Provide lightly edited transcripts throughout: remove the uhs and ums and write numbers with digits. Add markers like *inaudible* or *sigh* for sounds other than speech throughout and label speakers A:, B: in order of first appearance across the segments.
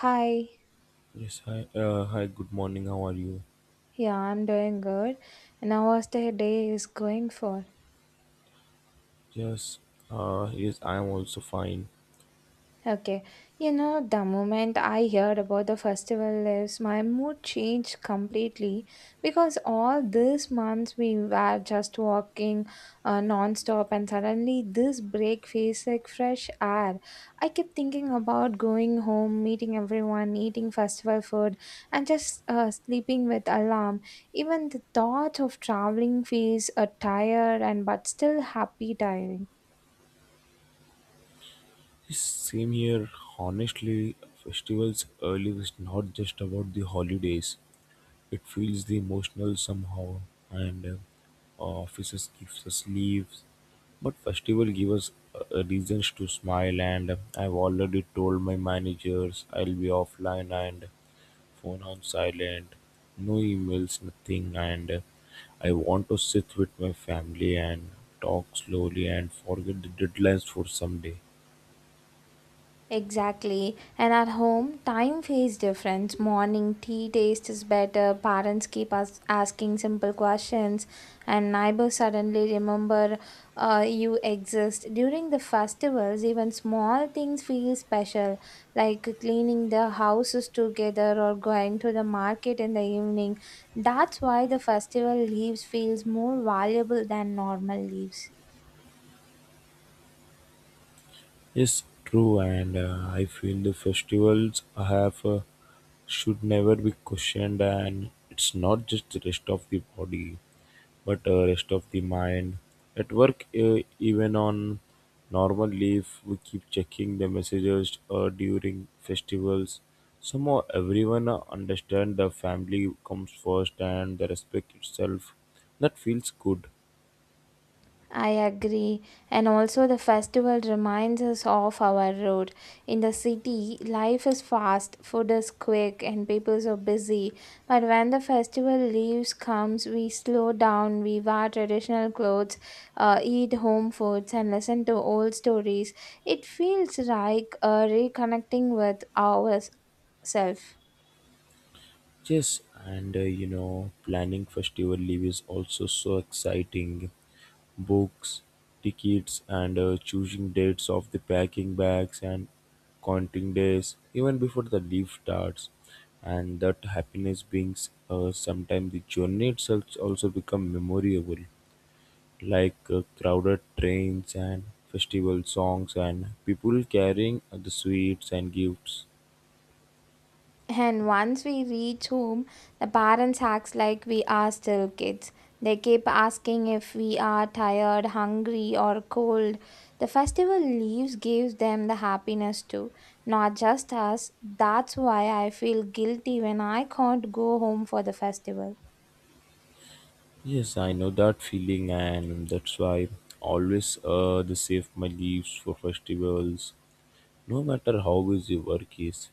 A: Hi,
B: Yes, hi. Hi, good morning. How are you?
A: yeah, I'm doing good. And how was the day is going for?
B: Yes, yes, I am also fine.
A: Okay, the moment I heard about the festival is my mood changed completely because all these months we were just walking non-stop and suddenly this break feels like fresh air. I kept thinking about going home, meeting everyone, eating festival food, and just sleeping with alarm. Even the thought of traveling feels tired and but still happy tiring.
B: Yes, same here. Honestly, festivals early is not just about the holidays. It feels the emotional somehow, and offices gives us leaves, but festival give us reasons to smile. And I've already told my managers I'll be offline and phone on silent, no emails, nothing, and I want to sit with my family and talk slowly and forget the deadlines for some day.
A: Exactly. And at home, time feels different. Morning tea taste is better. Parents keep us asking simple questions, and neighbors suddenly remember you exist. During the festivals, even small things feel special, like cleaning the houses together or going to the market in the evening. That's why the festival leaves feels more valuable than normal leaves.
B: Yes, true, and I feel the festivals I have should never be questioned, and it's not just the rest of the body. But rest of the mind at work, even on normal leave, we keep checking the messages during festivals. Somehow, everyone understand the family comes first and the respect itself. That feels good.
A: I agree. And also, the festival reminds us of our road. In the city, life is fast, food is quick, and people are busy. But when the festival leaves comes, we slow down, we wear traditional clothes, eat home foods, and listen to old stories. It feels like reconnecting with ourselves.
B: Yes, and you know, planning festival leave is also so exciting. Books, tickets, and choosing dates of the packing bags and counting days even before the leave starts. And that happiness brings sometimes the journey itself also become memorable, like crowded trains and festival songs and people carrying the sweets and gifts.
A: And once we reach home, the parents acts like we are still kids. They keep asking if we are tired, hungry, or cold. The festival leaves gives them the happiness too, not just us. That's why I feel guilty when I can't go home for the festival.
B: Yes, I know that feeling, and that's why I always they save my leaves for festivals. No matter how busy work is,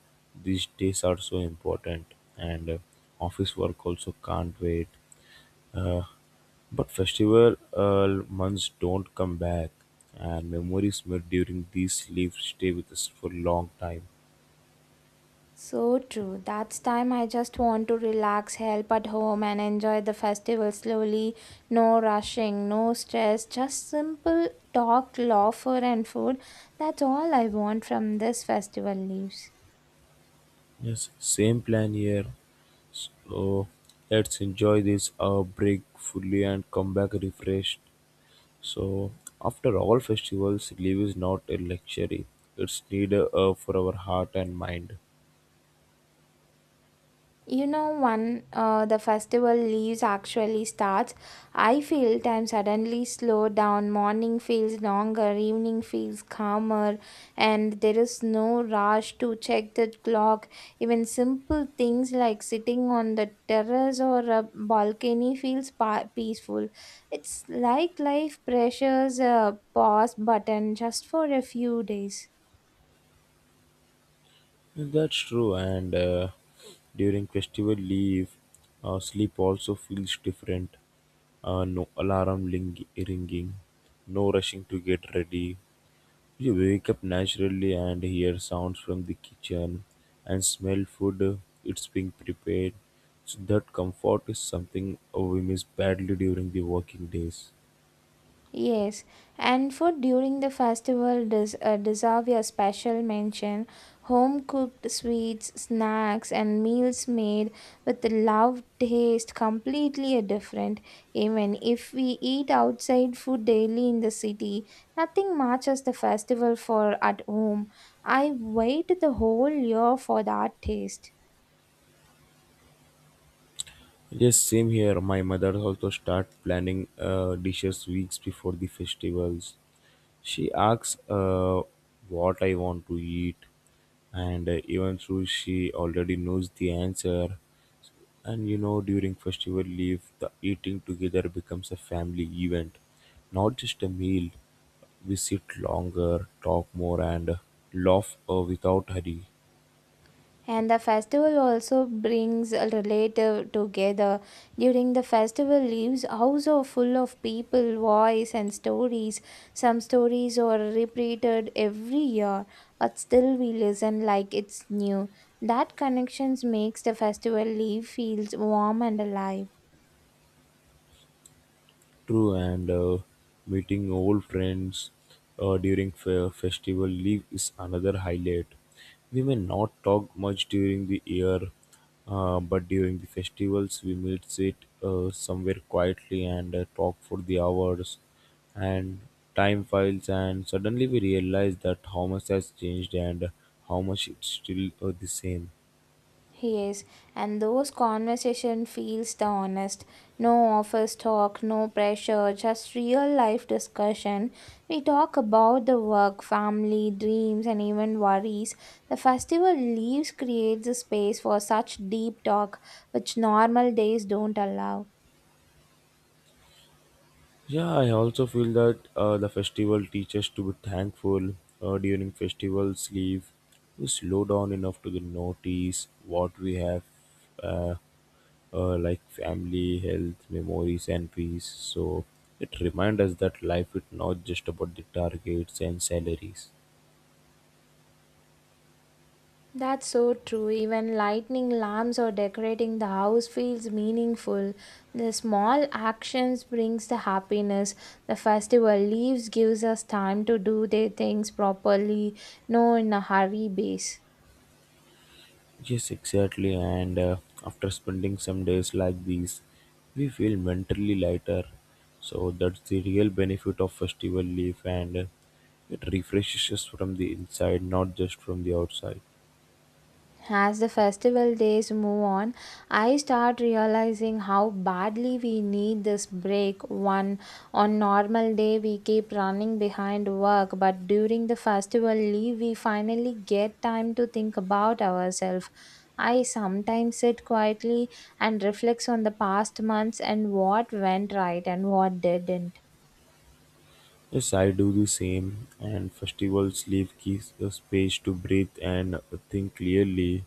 B: these days are so important, and office work also can't wait. Uh, but festival months don't come back, and memories made during these leaves stay with us for a long time.
A: So true. That's time I just want to relax, help at home, and enjoy the festival slowly. No rushing, no stress, just simple talk, laughter, and food. That's all I want from this festival leaves.
B: Yes, same plan here. So let's enjoy this break fully and come back refreshed. So after all festivals, leave is not a luxury. It's need for our heart and mind.
A: When the festival leaves actually starts, I feel time suddenly slow down. Morning feels longer, evening feels calmer, and there is no rush to check the clock. Even simple things like sitting on the terrace or a balcony feels peaceful. It's like life pressures a pause button just for a few days.
B: That's true, and during festival leave, sleep also feels different. No alarm ringing, no rushing to get ready. You wake up naturally and hear sounds from the kitchen and smell food. It's being prepared. So that comfort is something we miss badly during the working days.
A: Yes, and food during the festival does deserve a special mention. Home cooked sweets, snacks, and meals made with love taste completely a different. Even if we eat outside food daily in the city, nothing matches the festival for at home. I wait the whole year for that taste.
B: Yes, same here. My mother also start planning dishes weeks before the festivals. She asks what I want to eat, and even though she already knows the answer, and you know during festival leave, the eating together becomes a family event, not just a meal. We sit longer, talk more, and laugh without hurry.
A: And the festival also brings a relative together. During the festival leaves house are full of people, voice and stories. Some stories are repeated every year, but still we listen like it's new. That connections makes the festival leave feels warm and alive.
B: True, and meeting old friends during festival leave is another highlight. We may not talk much during the year, but during the festivals we meet sit somewhere quietly and talk for the hours and time files and suddenly we realize that how much has changed and how much it's still the same.
A: Yes, and those conversation feels the honest. No office talk, no pressure, just real life discussion. We talk about the work, family, dreams, and even worries. The festival leaves creates a space for such deep talk, which normal days don't allow.
B: Yeah, I also feel that the festival teaches to be thankful during festivals. Leave, we slow down enough to notice what we have, uh, like family, health, memories, and peace. So it reminds us that life is not just about the targets and salaries.
A: That's so true. Even lighting lamps or decorating the house feels meaningful. The small actions brings the happiness. The festival leaves gives us time to do the things properly, no in a hurry base.
B: Yes, exactly. And after spending some days like these, we feel mentally lighter. So that's the real benefit of festival leaf, and it refreshes us from the inside, not just from the outside.
A: As the festival days move on, I start realizing how badly we need this break. One on normal day we keep running behind work, but during the festival leave we finally get time to think about ourselves. I sometimes sit quietly and reflects on the past months and what went right and what didn't.
B: Yes, I do the same, and festivals leave gives us space to breathe and think clearly,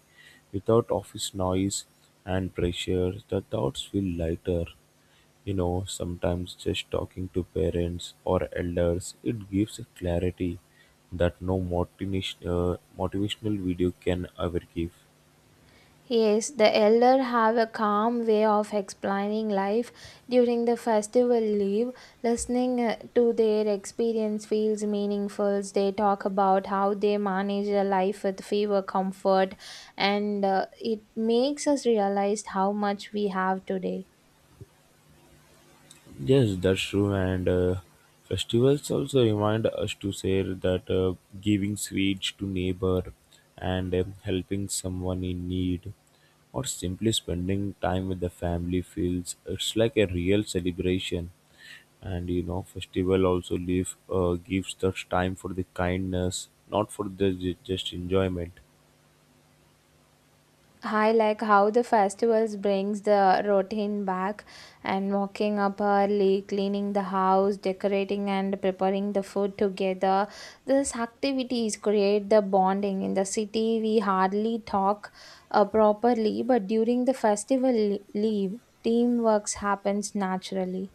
B: without office noise and pressure. The thoughts feel lighter. You know, sometimes just talking to parents or elders, it gives clarity that no motivational video can ever give.
A: Yes, the elder have a calm way of explaining life during the festival leave. Listening to their experience feels meaningful. They talk about how they manage their life with fever comfort, and it makes us realize how much we have today.
B: Yes, that's true. And festivals also remind us to say that giving sweets to neighbor and helping someone in need or simply spending time with the family feels it's like a real celebration. And you know, festival also leave gives us time for the kindness, not for just enjoyment.
A: I like how the festivals brings the routine back and walking up early, cleaning the house, decorating and preparing the food together. These activities create the bonding. In the city, we hardly talk properly, but during the festival leave, teamwork happens naturally.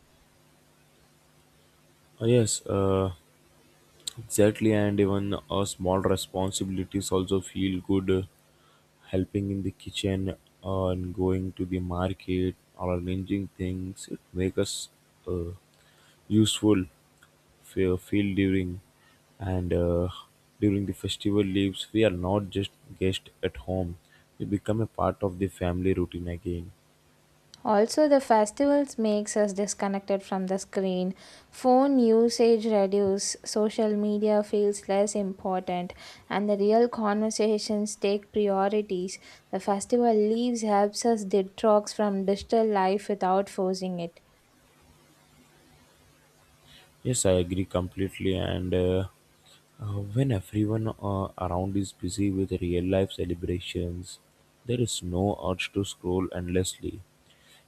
B: Uh, yes, uh, exactly. And even small responsibilities also feel good, helping in the kitchen and going to the market or arranging things. It make us uh, useful feel during and during the festival leaves we are not just guests at home. We become a part of the family routine again.
A: Also, the festivals makes us disconnected from the screen. Phone usage reduce, social media feels less important, and the real conversations take priorities. The festival leaves helps us detox from digital life without forcing it.
B: Yes, I agree completely. And uh, when everyone around is busy with real life celebrations, there is no urge to scroll endlessly.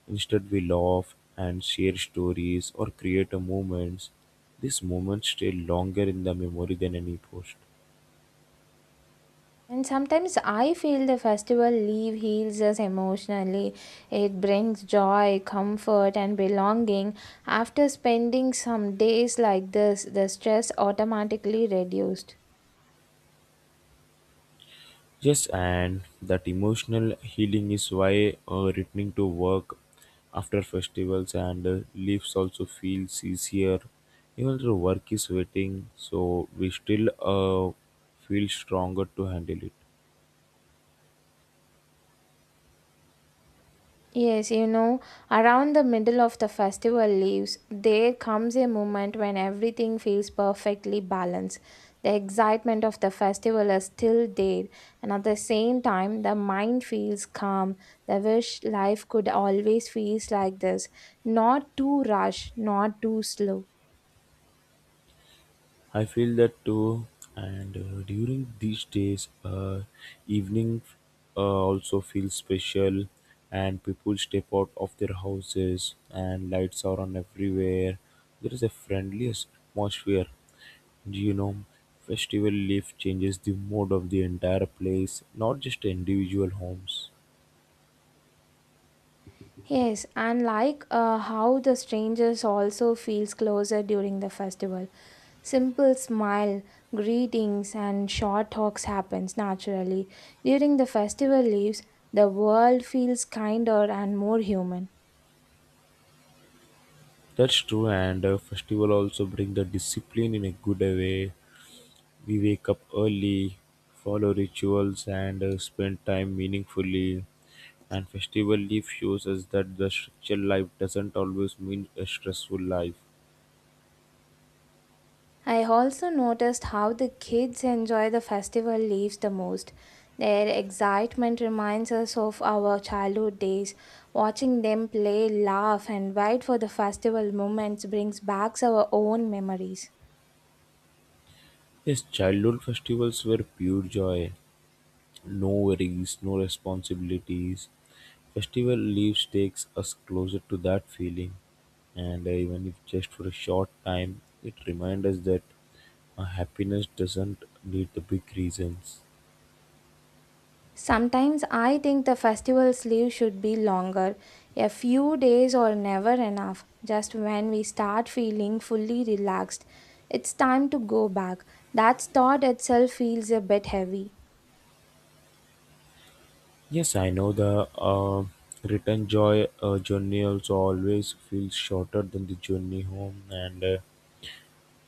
B: Instead, we laugh and share stories or create a moments. These moments stay longer in the memory than any post.
A: And sometimes I feel the festival leave heals us emotionally. It brings joy, comfort, and belonging. After spending some days like this, the stress automatically reduced.
B: Yes, and that emotional healing is why returning to work after festivals and leaves also feels easier. Even though work is waiting, so we still feel stronger to handle it.
A: Yes, around the middle of the festival leaves, there comes a moment when everything feels perfectly balanced. The excitement of the festival is still there, and at the same time, the mind feels calm. The wish life could always feels like this, not too rush, not too slow.
B: I feel that too. And during these days, evening also feels special, and people step out of their houses, and lights are on everywhere. There is a friendly atmosphere. Do you know, festival life changes the mood of the entire place, not just individual homes.
A: Yes, and like how the strangers also feels closer during the festival. Simple smile, greetings, and short talks happens naturally. During the festival leaves, the world feels kinder and more human.
B: That's true, and festival also bring the discipline in a good way. We wake up early, follow rituals, and spend time meaningfully. And festival life shows us that the structured life doesn't always mean a stressful life.
A: I also noticed how the kids enjoy the festival leaves the most. Their excitement reminds us of our childhood days. Watching them play, laugh, and wait for the festival moments brings back our own memories.
B: Yes, childhood festivals were pure joy, no worries, no responsibilities. Festival leaves takes us closer to that feeling, and even if just for a short time, it reminds us that happiness doesn't need the big reasons.
A: Sometimes I think the festival sleeve should be longer. A few days or never enough. Just when we start feeling fully relaxed, it's time to go back. That thought itself feels a bit heavy.
B: Yes, I know the return joy journey also always feels shorter than the journey home and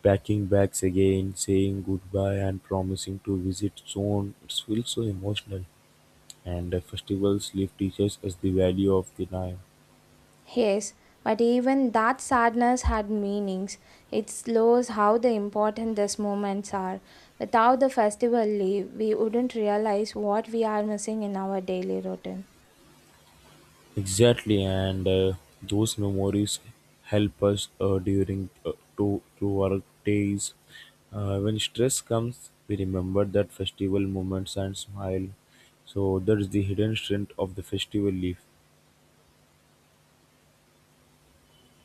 B: packing bags again, saying goodbye and promising to visit soon. It feels so emotional and festivals leave teachers as the value of the time.
A: Yes, but even that sadness had meanings. It shows how the important these moments are. Without the festival leave, we wouldn't realize what we are missing in our daily routine.
B: Exactly, and those memories help us during to our days. When stress comes, we remember that festival moments and smile. So that is the hidden strength of the festival leaf.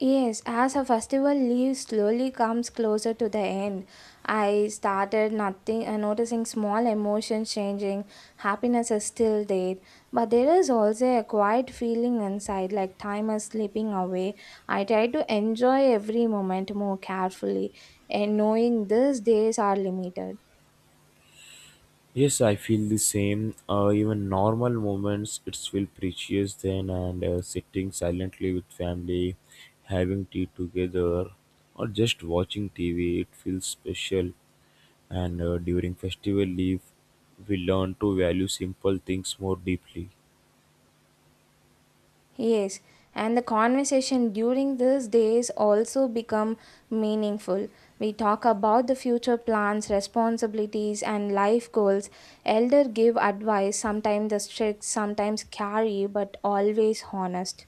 A: Yes, as a festival leaves slowly comes closer to the end, I started nothing noticing small emotions changing. Happiness is still there, but there is also a quiet feeling inside, like time is slipping away. I try to enjoy every moment more carefully, and knowing these days are limited.
B: Yes, I feel the same. Even normal moments, it's feel precious then, and sitting silently with family, having tea together, or just watching TV, it feels special. And during festival leave, we learn to value simple things more deeply.
A: Yes, and the conversation during these days also become meaningful. We talk about the future plans, responsibilities, and life goals. Elder give advice, sometimes the strict, sometimes carry, but always honest.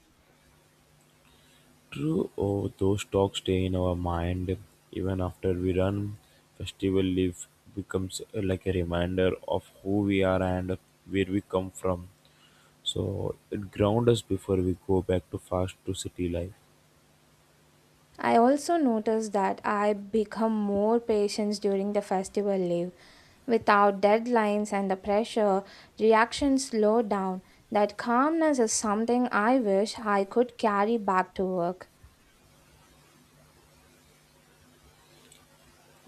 B: True, oh, those talks stay in our mind even after we run. Festival leave becomes like a reminder of who we are and where we come from. So it grounds us before we go back to fast to city life.
A: I also notice that I become more patient during the festival leave. Without deadlines and the pressure, reactions slow down. That calmness is something I wish I could carry back to work.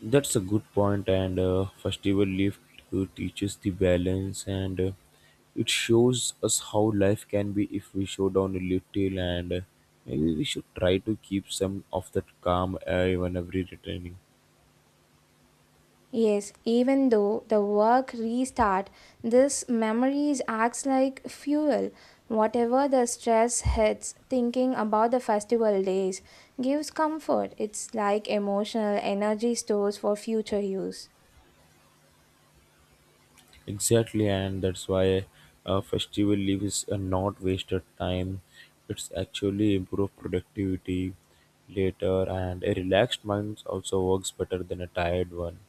B: That's a good point, and festival life teaches the balance, and it shows us how life can be if we show down a little, and maybe we should try to keep some of that calm even every returning.
A: Yes, even though the work restart, this memories acts like fuel. Whatever the stress hits, thinking about the festival days gives comfort. It's like emotional energy stores for future use.
B: Exactly, and that's why festival leave is not wasted time. It's actually improve productivity later, and a relaxed mind also works better than a tired one.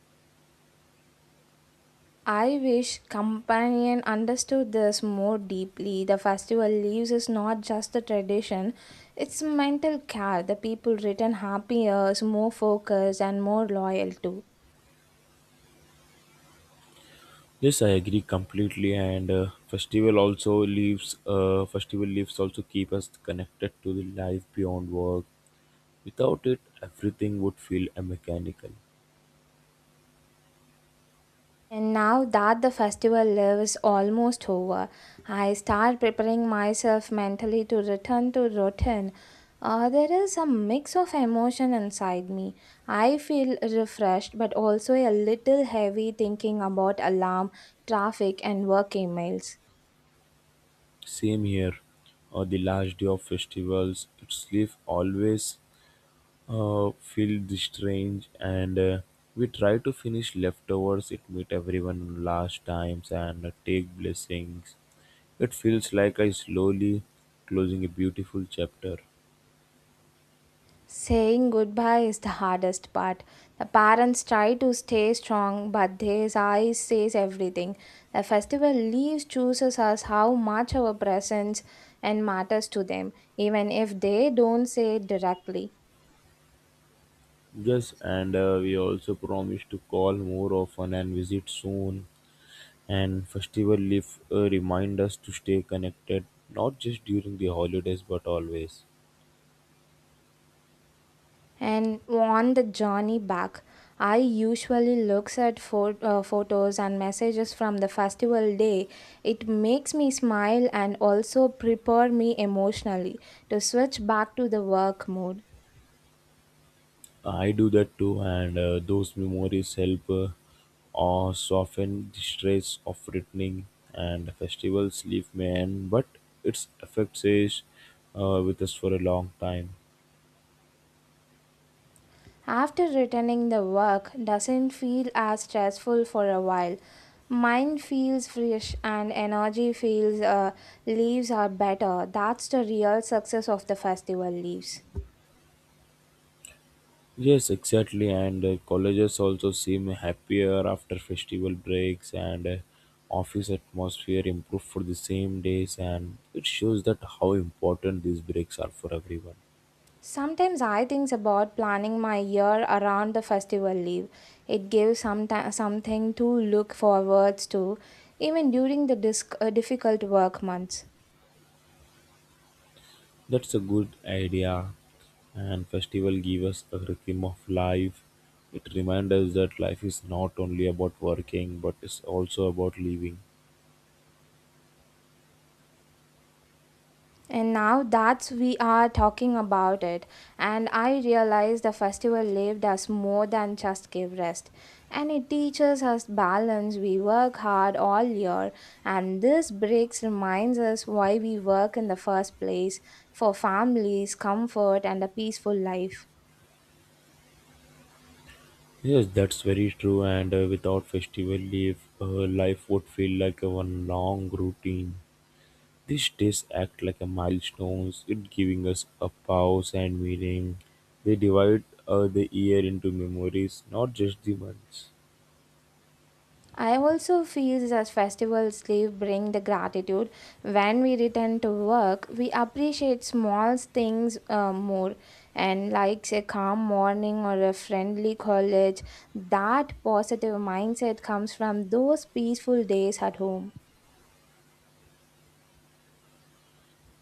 A: I wish companion understood this more deeply. The festival leaves is not just a tradition, it's mental care. The people return happier, more focused and more loyal too.
B: Yes, I agree completely. And festival also leaves festival leaves also keep us connected to the life beyond work. Without it, everything would feel mechanical.
A: And now that the festival lives almost over, I start preparing myself mentally to return to routine. There is a mix of emotion inside me. I feel refreshed but also a little heavy thinking about alarm, traffic, and work emails.
B: Same here. The last day of festivals, its leaf always feel the strange, and we try to finish leftovers. It meet everyone last times and take blessings. It feels like I slowly closing a beautiful chapter.
A: Saying goodbye is the hardest part. The parents try to stay strong, but their eyes says everything. The festival leaves chooses us how much our presence and matters to them, even if they don't say it directly.
B: Yes, and we also promise to call more often and visit soon. And festival leaf remind us to stay connected, not just during the holidays but always.
A: And want the journey back. I usually looks at photos and messages from the festival day. It makes me smile and also prepare me emotionally to switch back to the work mode.
B: I do that too, and those memories help or soften the stress of returning. And festivals leave me, and but its effects is with us for a long time.
A: After returning, the work doesn't feel as stressful for a while. Mind feels fresh and energy feels leaves are better. That's the real success of the festival leaves.
B: Yes, exactly. And colleges also seem happier after festival breaks and office atmosphere improved for the same days. And it shows that how important these breaks are for everyone.
A: Sometimes I think about planning my year around the festival leave. It gives some something to look forward to, even during the difficult work months.
B: That's a good idea. And festival give us a rhythm of life. It reminds us that life is not only about working, but it's also about living.
A: And now that's we are talking about it, and I realize the festival lived us more than just give rest. And it teaches us balance. We work hard all year, and this breaks reminds us why we work in the first place for families, comfort, and a peaceful life.
B: Yes, that's very true. And without festival leave, life would feel like a one long routine. These days act like a milestones, it giving us a pause and meaning. They divide the year into memories, not just the months.
A: I also feel that festivals leave bring the gratitude. When we return to work, we appreciate small things more, and like a calm morning or a friendly college. That positive mindset comes from those peaceful days at home.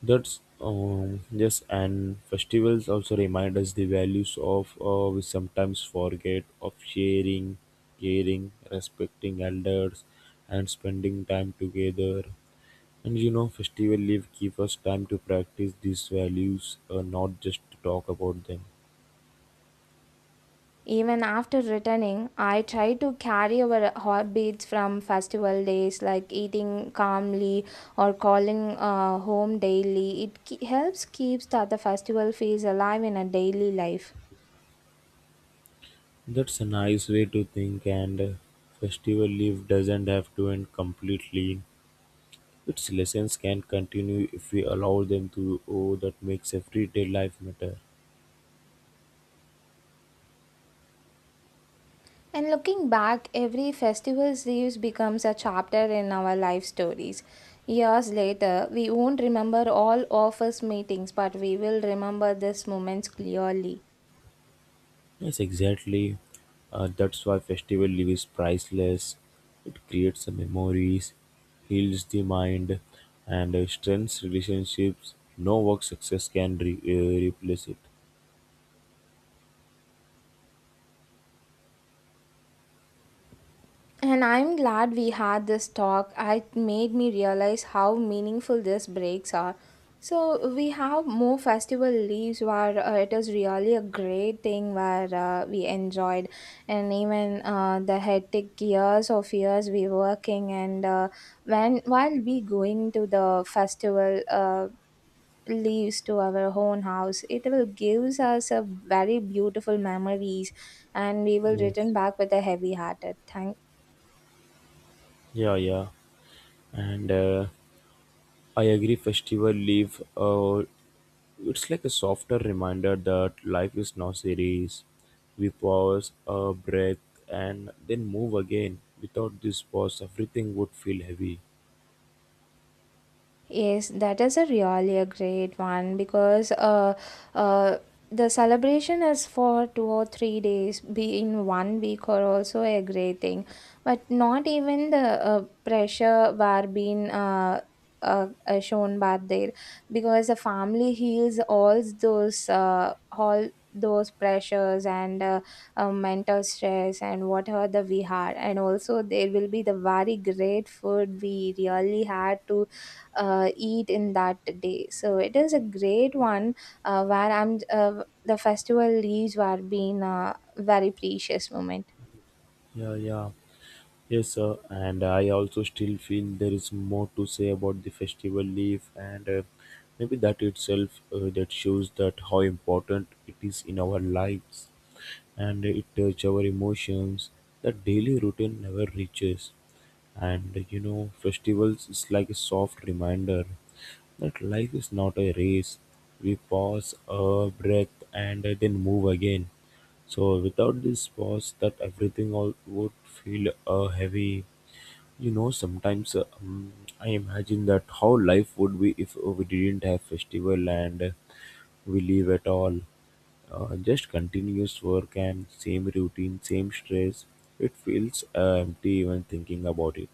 B: That's yes, and festivals also remind us the values of we sometimes forget of sharing, caring, respecting elders, and spending time together. And you know, festival leave give us time to practice these values, not just to talk about them.
A: Even after returning, I try to carry our habits from festival days like eating calmly or calling home daily. It helps keeps that the festival feels alive in a daily life.
B: That's a nice way to think, and festival leave doesn't have to end completely. Its lessons can continue if we allow them to. Oh, that makes everyday life matter.
A: And looking back, every festival leaves becomes a chapter in our life stories. Years later, we won't remember all of us meetings, but we will remember these moments clearly.
B: Yes, exactly. That's why festival leave is priceless. It creates the memories, heals the mind, and strengthens relationships. No work success can replace it.
A: And I'm glad we had this talk. It made me realize how meaningful these breaks are. So we have more festival leaves where it is really a great thing where we enjoyed and even the hectic years of years we working and when while we going to the festival leaves to our own house it will gives us a very beautiful memories and we will
B: Yes.
A: return back with a heavy hearted thank.
B: Yeah, yeah. And I agree festival leave it's like a softer reminder that life is not serious. We pause, a breath, and then move again. Without this pause, everything would feel heavy.
A: Yes, that is a really a great one because uh, the celebration is for 2 or 3 days, be in one week or also a great thing. But not even the pressure were being shown back there because the family heals all those pressures and mental stress and whatever the we had and also there will be the very great food we really had to eat in that day. So it is a great one where I'm the festival leaves were being a very precious moment.
B: Yeah, yeah. Yes, sir. And I also still feel there is more to say about the festival leaf, and maybe that itself that shows that how important it is in our lives. And it touches our emotions that daily routine never reaches. And you know, festivals is like a soft reminder that life is not a race. We pause a breath and then move again. So without this pause that everything all would feel heavy. You know, sometimes I imagine that how life would be if we didn't have festival and we live at all, just continuous work and same routine, same stress. It feels empty even thinking about it.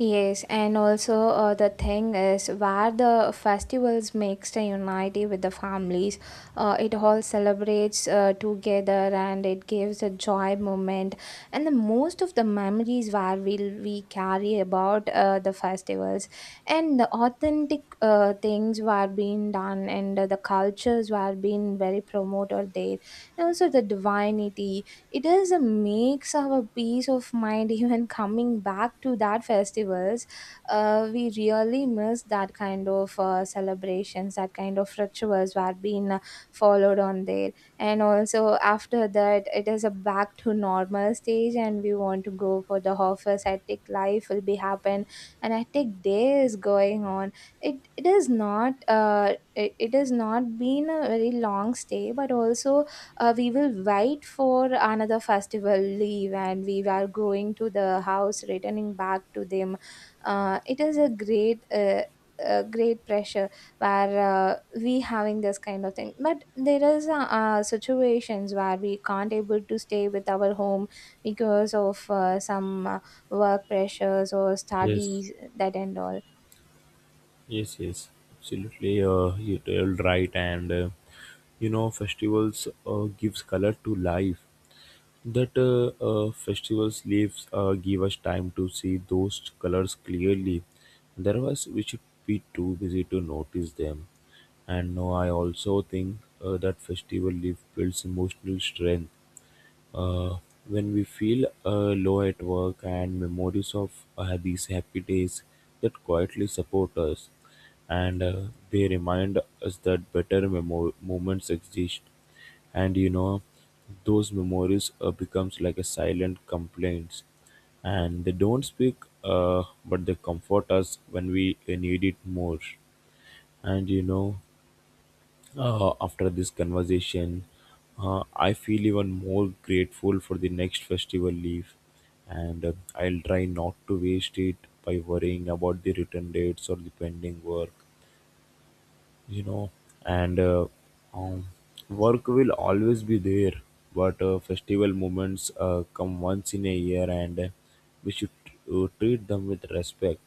A: Yes, and also the thing is where the festivals makes the unity with the families. It all celebrates together and it gives a joy moment. And the most of the memories where we carry about the festivals and the authentic things were being done and the cultures were being very promoted there. And also the divinity it is a makes our peace of mind *laughs* even coming back to that festivals we really miss that kind of celebrations that kind of rituals were being followed on there and also after that it is a back to normal stage and we want to go for the office hectic life will be happen and hectic day is going on. It is not it has not been a very long stay but also we will wait for another festival leave and we were going to the house returning back to them. It is a great pressure where we having this kind of thing but there is situations where we can't able to stay with our home because of some work pressures or
B: Yes,
A: studies that and all.
B: yes, yes. Absolutely, you told right. And you know, festivals gives color to life. That Festivals leaves give us time to see those colors clearly. Otherwise, we should be too busy to notice them. And no, I also think that festival leaf builds emotional strength. Uh, when we feel low at work and memories of these happy days that quietly support us, and they remind us that better moments exist. And you know, those memories becomes like a silent complaints, and they don't speak, but they comfort us when we need it more. And you know, after this conversation, I feel even more grateful for the next festival leave, and I'll try not to waste it by worrying about the return dates or the pending work, you know. And um, Work will always be there, but festival moments come once in a year, and we should treat them with respect.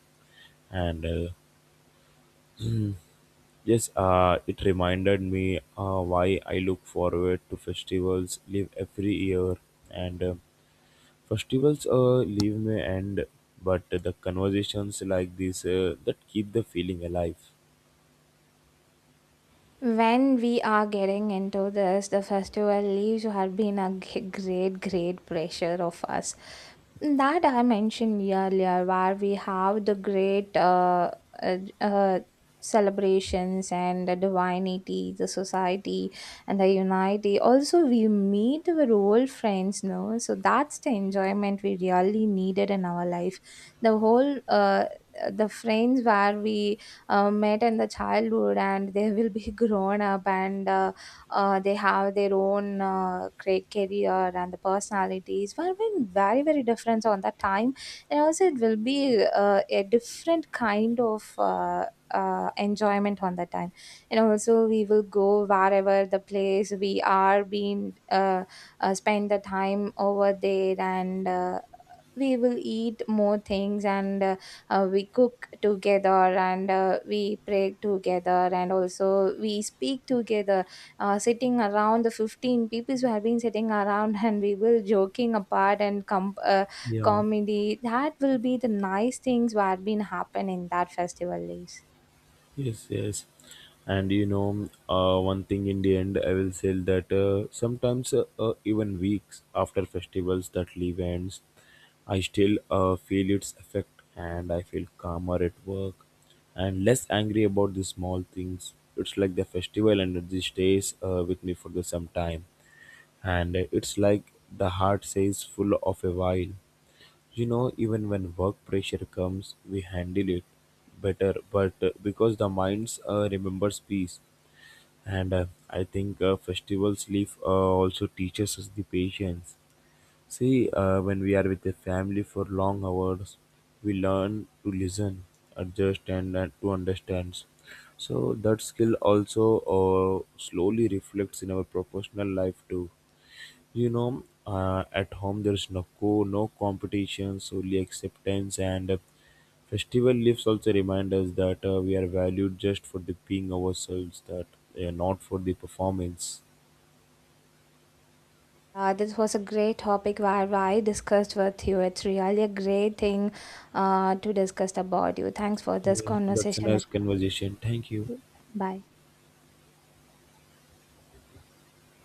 B: And Yes, it reminded me why I look forward to festivals live every year. And festivals leave me and but the conversations like this that keep the feeling alive.
A: When we are getting into this, the festival leaves have been a great, great pressure of us. That I mentioned earlier, where we have the great uh, uh, celebrations and the divinity, the society, and the unity. Also, we meet our old friends, no? So that's the enjoyment we really needed in our life. The whole, the friends where we met in the childhood and they will be *laughs* grown up and they have their own career and the personalities will be very very different on that time and also it will be a different kind of enjoyment on that time and also we will go wherever the place we are being spend the time over there and we will eat more things and we cook together and we pray together and also we speak together sitting around the 15 people who have been sitting around and we will joking apart and
B: Yeah.
A: comedy that will be the nice things what have been happen in that festival days.
B: Yes, yes. And you know, one thing in the end, I will say that sometimes, even weeks after festivals that leave ends, I still feel its effect and I feel calmer at work and less angry about the small things. It's like the festival energy stays with me for the some time, and it's like the heart stays full of a while. You know, even when work pressure comes, we handle it better, but because the minds remembers peace, and I think festivals leave also teaches us the patience. See, when we are with the family for long hours, we learn to listen, adjust, and to understand. So that skill also slowly reflects in our professional life too. You know, at home there's no no competitions, only acceptance, and festival leaves also remind us that we are valued just for the being ourselves, that not for the performance.
A: This was a great topic where I discussed with you. It's really a great thing to discuss about you. Thanks for this
B: Yeah, that's a
A: conversation with
B: nice conversation. Thank you.
A: you. Bye.